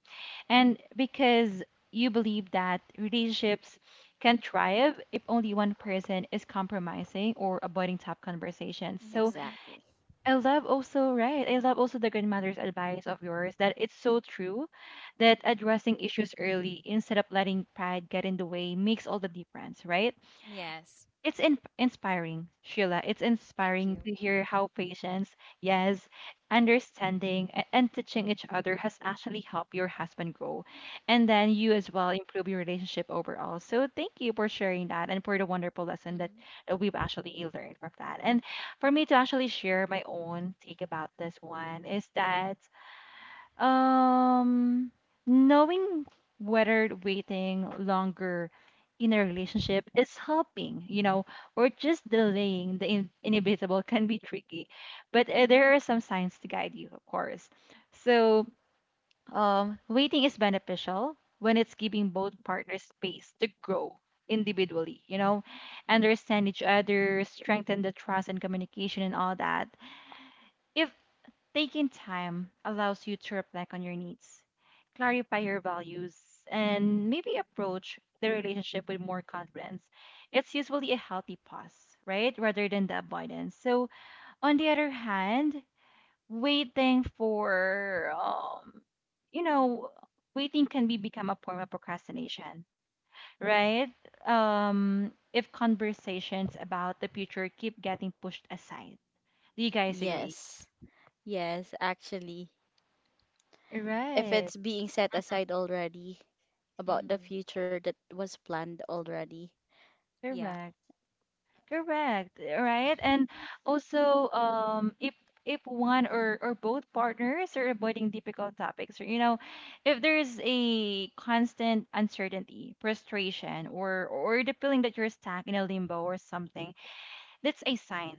And because you believe that relationships can thrive if only one person is compromising or avoiding tough conversations. So
Mm-hmm.
Exactly.
I love also, right? I love also the grandmother's advice of yours that it's so true that addressing issues early instead of letting pride get in the way makes all the difference, right?
Yes.
It's inspiring, Sheila. It's
Thank
inspiring
you.
to hear how patience, yes, understanding, and teaching each other has actually helped your husband grow. And then you
Mm-hmm.
as well improve your relationship overall. So thank you for sharing that and for the wonderful
Mm-hmm.
lesson that, that we've actually learned from that. And for me to actually share my own take about this one is that, um, knowing whether waiting longer in a relationship is helping, you know, or just delaying the inevitable can be tricky. But there are some signs to guide you, of course. So, waiting is beneficial when it's giving both partners space to grow individually, you know, understand each other, strengthen the trust and communication and all that. If taking time allows you to reflect on your needs, clarify your values, and maybe approach the relationship with more confidence. It's usually a healthy pause, right? Rather than the avoidance. So, on the other hand, waiting for, you know, waiting can be become a form of procrastination, right? If conversations about the future keep getting pushed aside. Do you guys agree?
Yes, yes, actually, if
Right.
it's being set aside already about the
Mm-hmm.
future that was planned already.
Yeah.
Correct. Correct, eh, right? And also, if one or both partners are avoiding difficult topics, or you know, if there's a constant uncertainty, frustration, or the feeling that you're stuck in a limbo or something, that's a sign.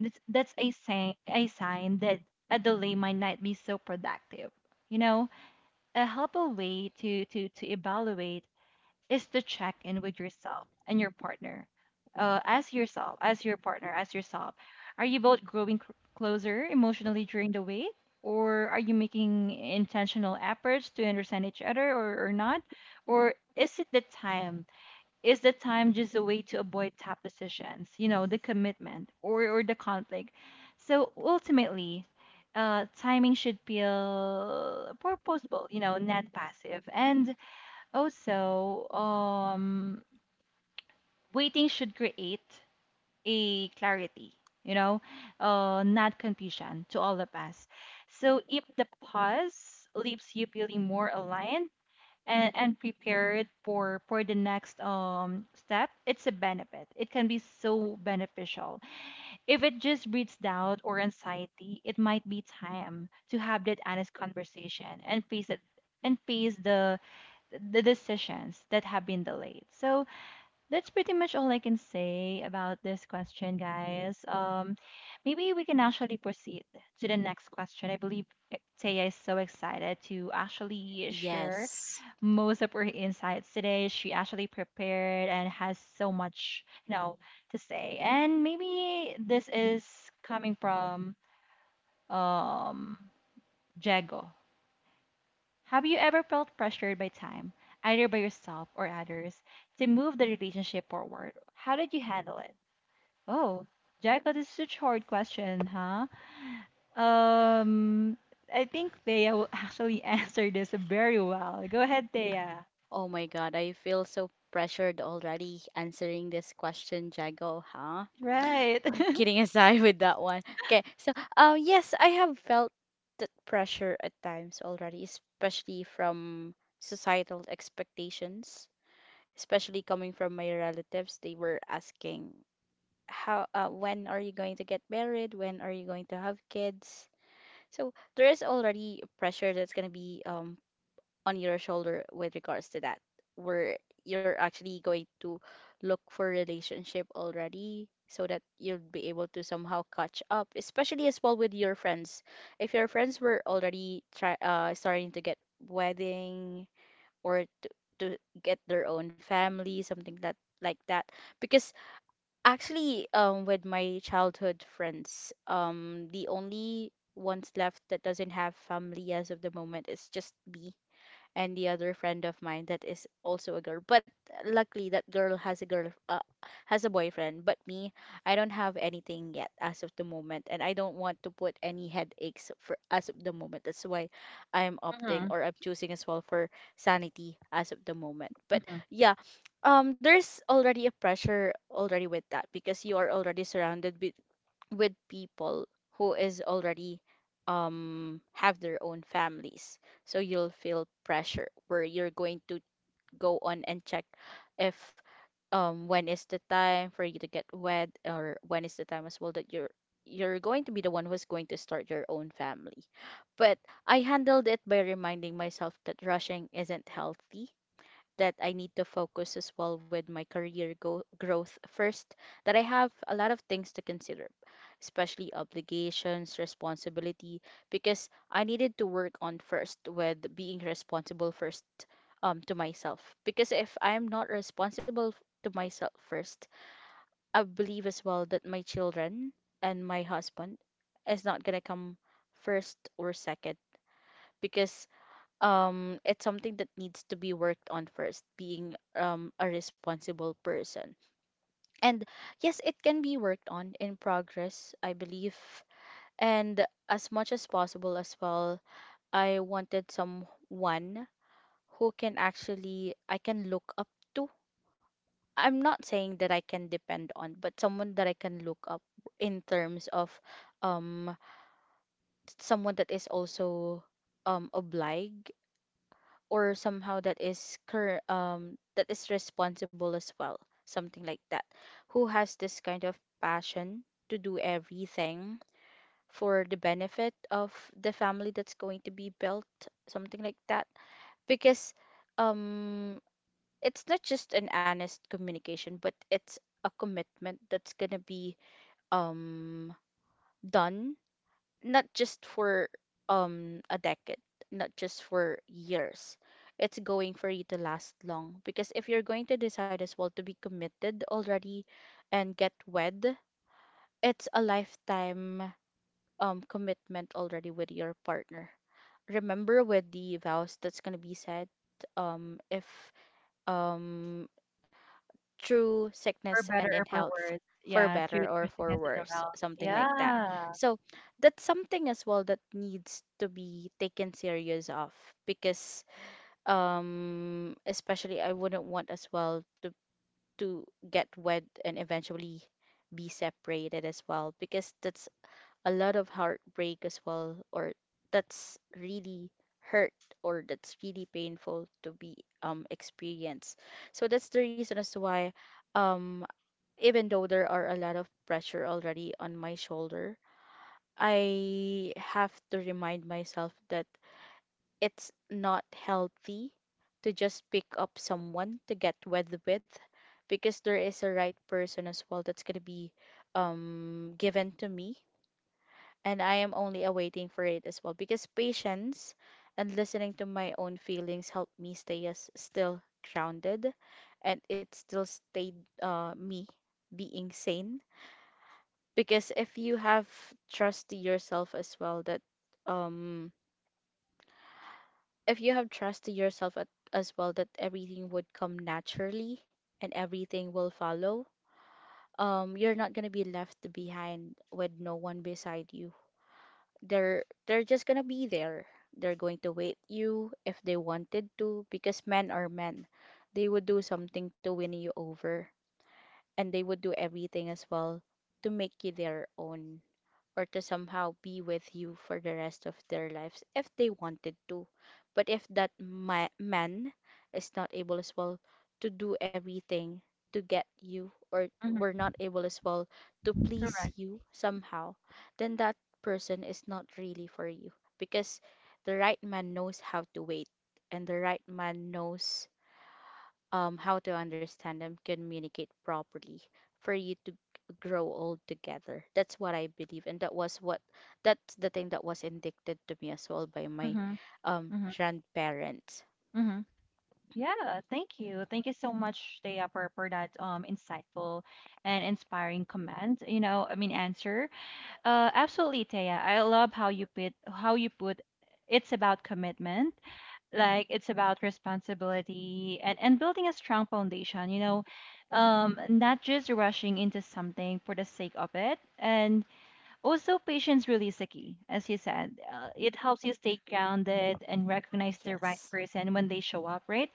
A sign that a delay might not be so productive. You know, a helpful way to to evaluate is to check in with yourself and your partner. As yourself, are you both growing closer emotionally during the wait? Or are you making intentional efforts to understand each other or not? Or is it the time? Is the time just a way to avoid tough decisions, you know, the commitment or the conflict? So ultimately, timing should feel purposeful, you know, not passive. And also, waiting should create a clarity, you know, not confusion to all of us. So if the pause leaves you feeling more aligned and prepared for the next step, it's a benefit. It can be so beneficial. If it just breeds doubt or anxiety, it might be time to have that honest conversation and face it and face the decisions that have been delayed. So that's pretty much all I can say about this question, guys. Maybe we can actually proceed to the next question. I believe e- Taya is so excited to actually share
Yes.
most of her insights today. She actually prepared and has so much, you know, to say. And maybe this is coming from um Jago. Have you ever felt pressured by time, either by yourself or others, to move the relationship forward? How did you handle it? Oh, Jericho, this is such a hard question, huh? Um, I think Thea will actually answer this very well. Go ahead, Thea.
Oh my God, I feel so pressured already answering this question, Jago, huh?
Right.
Kidding aside with that one. Okay, so yes, I have felt that pressure at times already, especially from societal expectations, especially coming from my relatives. They were asking, how, when are you going to get married? When are you going to have kids? So there is already pressure that's going to be on your shoulder with regards to that, where you're actually going to look for relationship already so that you'll be able to somehow catch up, especially as well with your friends. If your friends were already try starting to get wedding or to get their own family, something that like that. Because actually, with my childhood friends, the only ones left that doesn't have family as of the moment is just me and the other friend of mine that is also a girl. But luckily, that girl has a boyfriend. But me, I don't have anything yet as of the moment, and I don't want to put any headaches for as of the moment. That's why I'm opting,
Mm-hmm.
or I'm choosing as well for sanity as of the moment. But
Mm-hmm.
yeah, there's already a pressure already with that because you are already surrounded with people who is already have their own families, so you'll feel pressure where you're going to go on and check if when is the time for you to get wed, or when is the time as well that you're going to be the one who's going to start your own family. But I handled it by reminding myself that rushing isn't healthy, that I need to focus as well with my growth first, that I have a lot of things to consider, especially obligations, responsibility, because I needed to work on first with being responsible first, to myself. Because if I'm not to myself first, I believe as well that my children and my husband is not gonna come first or second, because it's something that needs to be worked on first, being a responsible person. And yes, it can be worked on in progress, I believe. And as much as possible as well, I wanted someone who can actually I can look up to. I'm not saying that I can depend on, but someone that I can look up in terms of um someone that is also obliged, or somehow that that is responsible as well, something like that, who has this kind of passion to do everything for the benefit of the family that's going to be built, something like that. Because um it's not just an honest communication, but it's a commitment that's going to be um done, not just for a decade, not just for years. It's going for you to last long, because if you're going to decide as well to be committed already and get wed, it's a lifetime commitment already with your partner. Remember with the vows that's gonna be said, if um through
For for
sickness and
better
in
or for
health,
worse.
for
Yeah, true,
better or
true
for
sickness in the
worse,
well.
something like that.
Yeah,
So that's something as well that needs to be taken serious of, because especially I wouldn't want as well to get wed and eventually be separated as well, because that's a lot of heartbreak as well, or that's really hurt, or that's really painful to be experienced. So that's the reason as to why um even though there are a lot of pressure already on my shoulder, I have to remind myself that it's not healthy to just pick up someone to get wed with, because there is a right person as well that's going to be, given to me. And I am only awaiting for it as well, because patience and listening to my own feelings helped me stay as still grounded, and it still stayed me being sane. Because if you have trust to yourself as well that um if you have trust to yourself as well that everything would come naturally and everything will follow, you're not going to be left behind with no one beside you. They're just going to be there. They're going to wait you if they wanted to, because men are men. They would do something to win you over, and they would do everything as well to make you their own, or to somehow be with you for the rest of their lives if they wanted to. But if that man is not able as well to do everything to get you, or were
mm-hmm.
not able as well to please
Correct.
you somehow, then that person is not really for you, because the right man knows how to wait, and the right man knows how to understand and communicate properly for you to grow old together. That's what I believe, and that was what that's the thing that was indicted to me as well by my
Mm-hmm. Mm-hmm.
grandparents.
Mm-hmm. Yeah. Thank you so much, Thea, for that insightful and inspiring comment. You know, I mean answer. Absolutely, Taya. I love how you put it's about commitment, mm-hmm, like it's about responsibility and building a strong foundation, you know, not just rushing into something for the sake of it. And also patience really is the key, as you said. It helps you stay grounded and recognize the right
Yes,
person when they show up, right?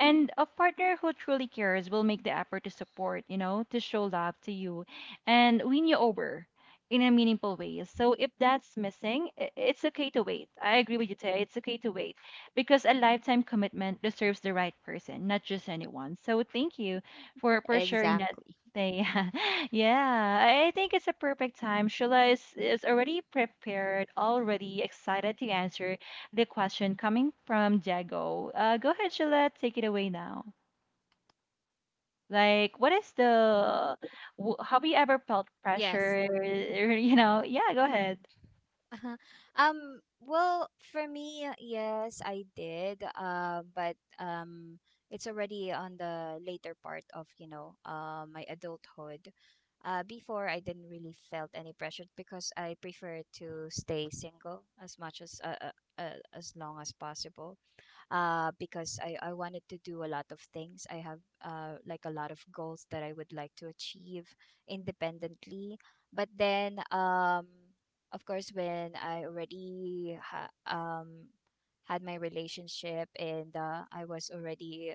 And a partner who truly cares will make the effort to support, you know, to show love to you and win you over in a meaningful way. So if that's missing, it's okay to wait. I agree with you, Taya. It's okay to wait because a lifetime commitment deserves the right person, not just anyone. So thank you for sharing that.
exactly.
They, yeah, I think it's a perfect time. Sheila is already prepared, already excited to answer the question coming from Jago. Go ahead, Sheila, take it away now. Like, what is the, have you ever felt
Yes.
pressure? You know, yeah, go ahead.
Well, for me, yes, I did. But it's already on the later part of, you know, my adulthood. Before I didn't really felt any pressure because I prefer to stay single as much as long as possible. Because I wanted to do a lot of things. I have, like, a lot of goals that I would like to achieve independently. But then, of course, when I already had my relationship and, I was already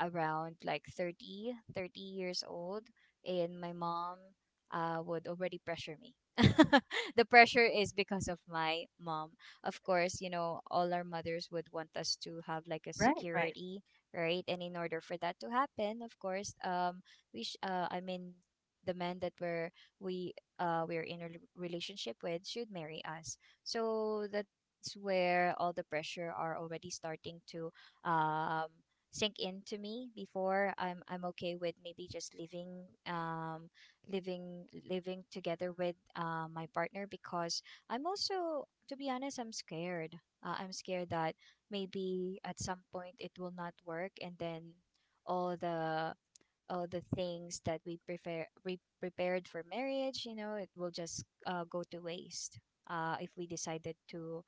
around like 30 30 years old, and my mom would already pressure me. The pressure is because of my mom, of course. You know, all our mothers would want us to have, like, a
Right, right,
security, right? And in order for that to happen, of course, I mean, the men that we're we we're in a relationship with should marry us. So that's where all the pressure are already starting to um sink into me. Before I'm okay with maybe just living, living together with my partner, because I'm also, to be honest, I'm scared. I'm scared that maybe at some point it will not work, and then all the all the things that we prepared for marriage, you know, it will just go to waste. If we decided to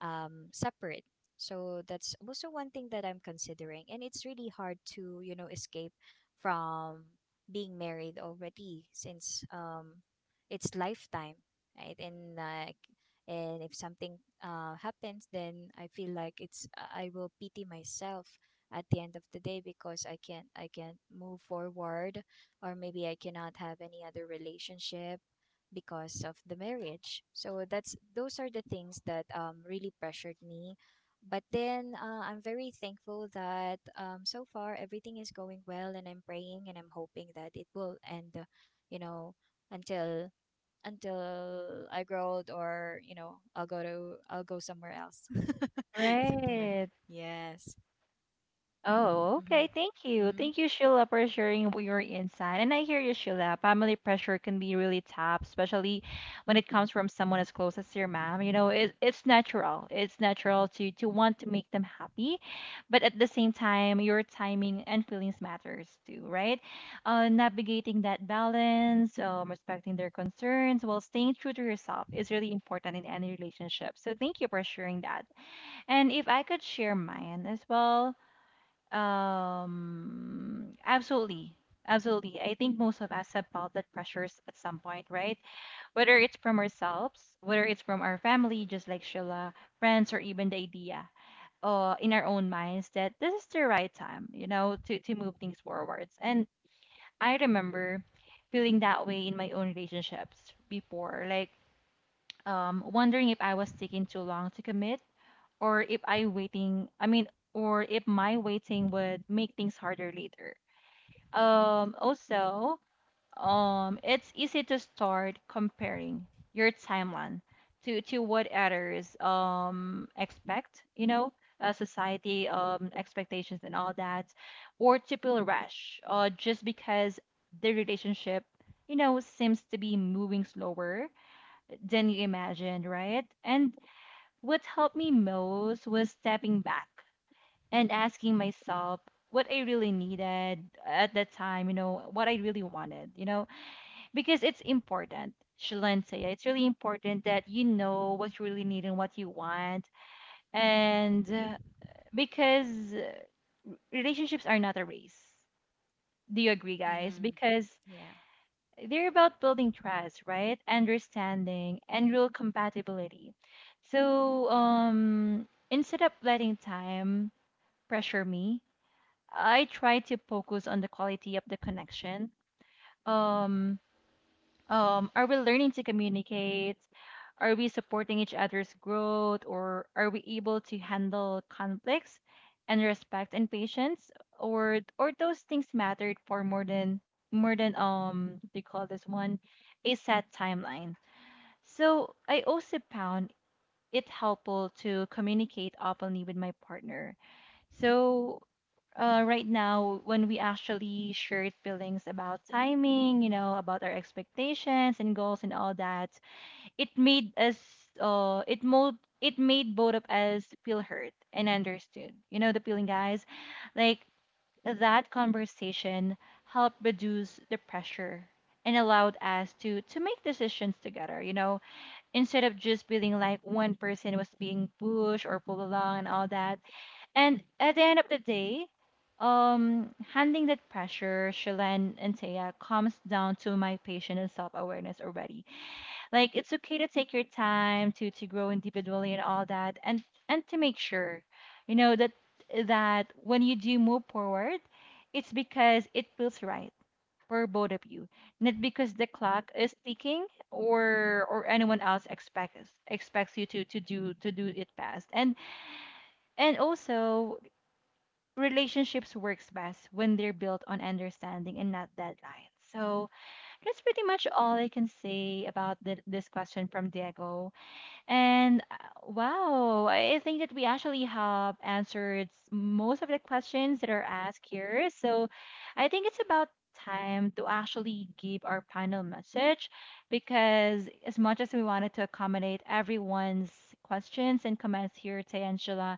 separate. So that's also one thing that I'm considering. And it's really hard to, you know, escape from being married already since, it's lifetime, right? And like, and if something happens, then I feel like it's I will pity myself at the end of the day because I can't move forward, or maybe I cannot have any other relationship because of the marriage. So that's those are the things that, really pressured me. But then, I'm very thankful that, so far everything is going well, and I'm praying and I'm hoping that it will end, you know, until I grow old, or you know, I'll go somewhere else, something like
right.
that. Yes.
Oh,
Mm-hmm.
okay. Thank you.
Mm-hmm.
Thank you, Sheila, for sharing your insight. And I hear you, Sheila. Family pressure can be really tough, especially when it comes from someone as close as your mom. You know, it's natural. It's natural to want to make them happy, but at the same time, your timing and feelings matters too, right? Navigating that balance, respecting their concerns while staying true to yourself is really important in any relationship. So thank you for sharing that. And if I could share mine as well. Absolutely. Absolutely. I think most of us have felt that pressures at some point, right? Whether it's from ourselves, whether it's from our family, just like Sheila, friends, or even the idea in our own minds that this is the right time, you know, to move things forwards. And I remember feeling that way in my own relationships before, like wondering if I was taking too long to commit or if I waiting, I mean, or if my waiting would make things harder later. Um, also, it's easy to start comparing your timeline to what others expect, you know, society expectations and all that, or to feel rush, just because the relationship, you know, seems to be moving slower than you imagined, right? And what helped me most was stepping back and asking myself what I really needed at that time, you know, what I really wanted, you know, because it's important, Shalencia. It's really important that you know what you really need and what you want. And because uh, relationships are not a race. Do you agree, guys?
Hmm.
Because
Yeah.
they're about building trust, right? Understanding and real compatibility. So, instead of letting time pressure me, I try to focus on the quality of the connection. Um, are we learning to communicate? Are we supporting each other's growth, or are we able to handle conflicts and respect and patience, or those things mattered for more than they call this one a set timeline. So I also found it helpful to communicate openly with my partner. So right now when we actually shared feelings about timing, you know, about our expectations and goals and all that, it made us uh it mo it made both of us feel heard and understood. You know the feeling guys? Like that conversation helped reduce the pressure and allowed us to make decisions together, you know, instead of just feeling like one person was being pushed or pulled along and all that. And at the end of the day, handling that pressure, Shilan and Taya, comes down to my patience and self awareness already. Like it's okay to take your time to grow individually and all that, and to make sure, you know, that that when you do move forward, it's because it feels right for both of you, not because the clock is ticking or anyone else expects you to to do it fast. And also relationships works best when they're built on understanding and not deadlines. So that's pretty much all I can say about this question from Diego. And wow, I think that we actually have answered most of the questions that are asked here. So I think it's about time to actually give our final message because as much as we wanted to accommodate everyone's questions and comments here, Tayangela,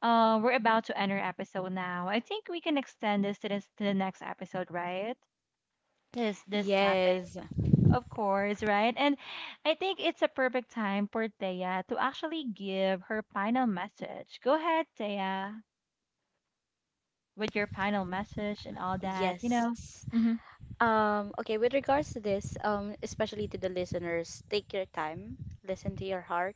we're about to enter episode now. I think we can extend this, to the next episode, right? This topic.
Yes,
Of course, right? And I think it's a perfect time for Thea to actually give her final message. Go ahead, Thea, with your final message and all that, you know?
yes.
Mm-hmm.
Okay, with regards to this, especially to the listeners, take your time, listen to your heart,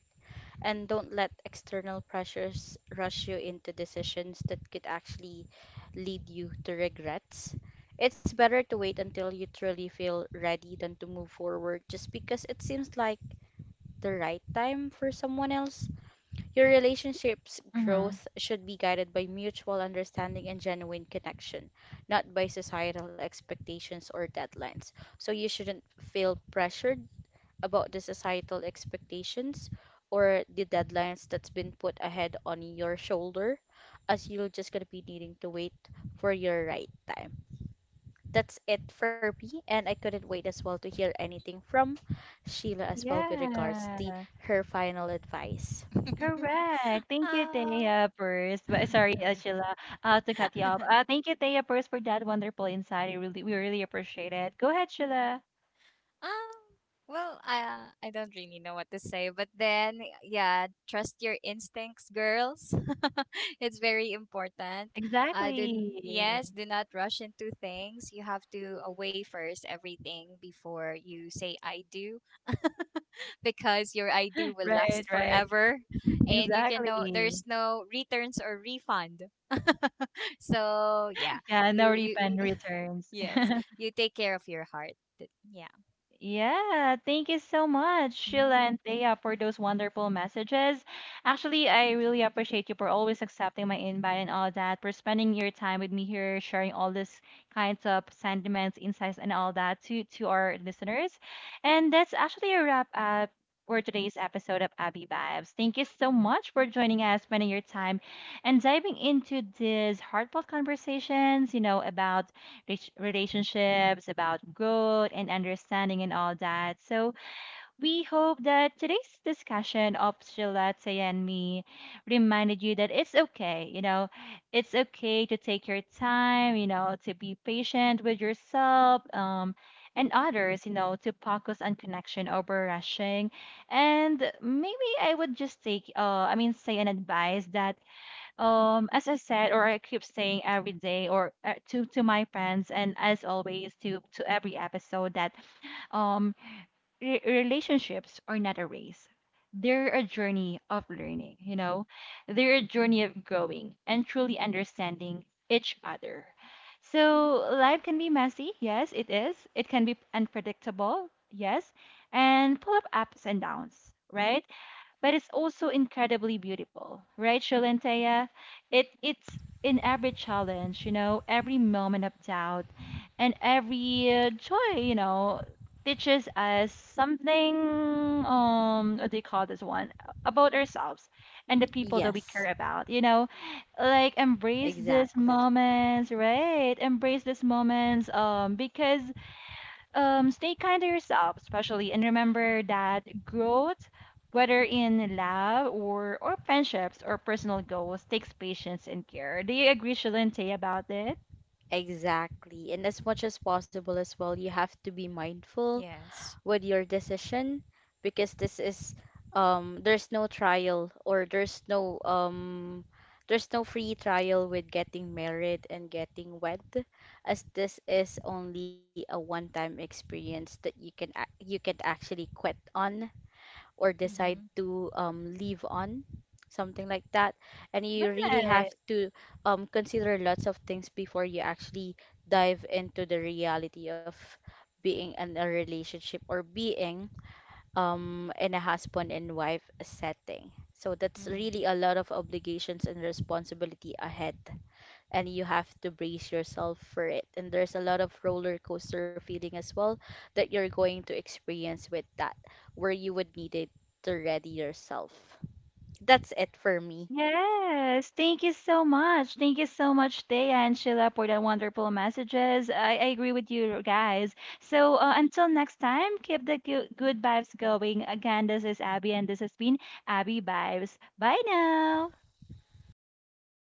and don't let external pressures rush you into decisions that could actually lead you to regrets. It's better to wait until you truly feel ready than to move forward just because it seems like the right time for someone else. Your relationship's
Mm-hmm.
growth should be guided by mutual understanding and genuine connection, not by societal expectations or deadlines. So you shouldn't feel pressured about the societal expectations or the deadlines that's been put ahead on your shoulder, as you're just gonna be needing to wait for your right time. That's it for me, and I couldn't wait as well to hear anything from Sheila as well with regards to
Yeah.
her final advice.
Correct. Thank you,
um.
Thea, first. But sorry, Sheila, to cut you off. Thank you, Thea, first, for that wonderful insight. We really appreciate it. Go ahead, Sheila.
Um, well, I don't really know what to say, but then yeah, trust your instincts, girls. It's very important.
Exactly.
Yes, do not rush into things. You have to, weigh first everything before you say I do, because your I do will last
Right, right.
forever, and you can no
Exactly.
there's no returns or refund. So yeah,
Yeah, no
you
refund
you
returns.
yes, you take care of your heart. Yeah.
Yeah, thank you so much, Sheila
Hmm.
and Thea, for those wonderful messages. Actually, I really appreciate you for always accepting my invite and all that, for spending your time with me here, sharing all this kinds of sentiments, insights, and all that to our listeners. And that's actually a wrap up for today's episode of Abby Vibes. Thank you so much for joining us, spending your time, and diving into these heartfelt conversations, you know, about relationships, about growth and understanding and all that. So we hope that today's discussion of Shilate and me reminded you that it's okay, you know, it's okay to take your time, you know, to be patient with yourself, and others, you know, to focus on connection over rushing. And maybe I would just take, say an advice that as I said, or I keep saying every day, or to my friends, and as always to every episode that um relationships are not a race. They're a journey of learning, you know. They're a journey of growing and truly understanding each other. So life can be messy, yes it is, it can be unpredictable, yes, and full of ups and downs, right? But it's also incredibly beautiful, right, Shalantaya? It's in every challenge, you know, every moment of doubt, and every joy, you know, teaches us something. What do you call this one, about ourselves and the people that we care
Yes,
about? You know, like embrace these
exactly.
moments, right? Embrace these moments, because stay kind to yourself, especially, and remember that growth, whether in love or friendships or personal goals, takes patience and care. Do you agree, Shalente, about it?
Exactly. And as much as possible as well, you have to be mindful
Yes.
with your decision, because this is there's no trial, or there's no free trial with getting married and getting wed, as this is only a one time experience that you you can actually quit on, or decide
Mm-hmm.
to leave on, something like that. And you really have
Right.
to consider lots of things before you actually dive into the reality of being in a relationship or being in a husband and wife setting. So that's really
Mm.
a lot of obligations and responsibility ahead, and you have to brace yourself for it. And there's a lot of roller coaster feeling as well that you're going to experience with that, where you would need it to ready yourself. That's it for me.
Yes. Thank you so much. Thank you so much, Thea and Sheila, for the wonderful messages. I agree with you guys. So until next time, keep the good vibes going. Again, this is Abby, and this has been Abby Vibes. Bye now.
Bye.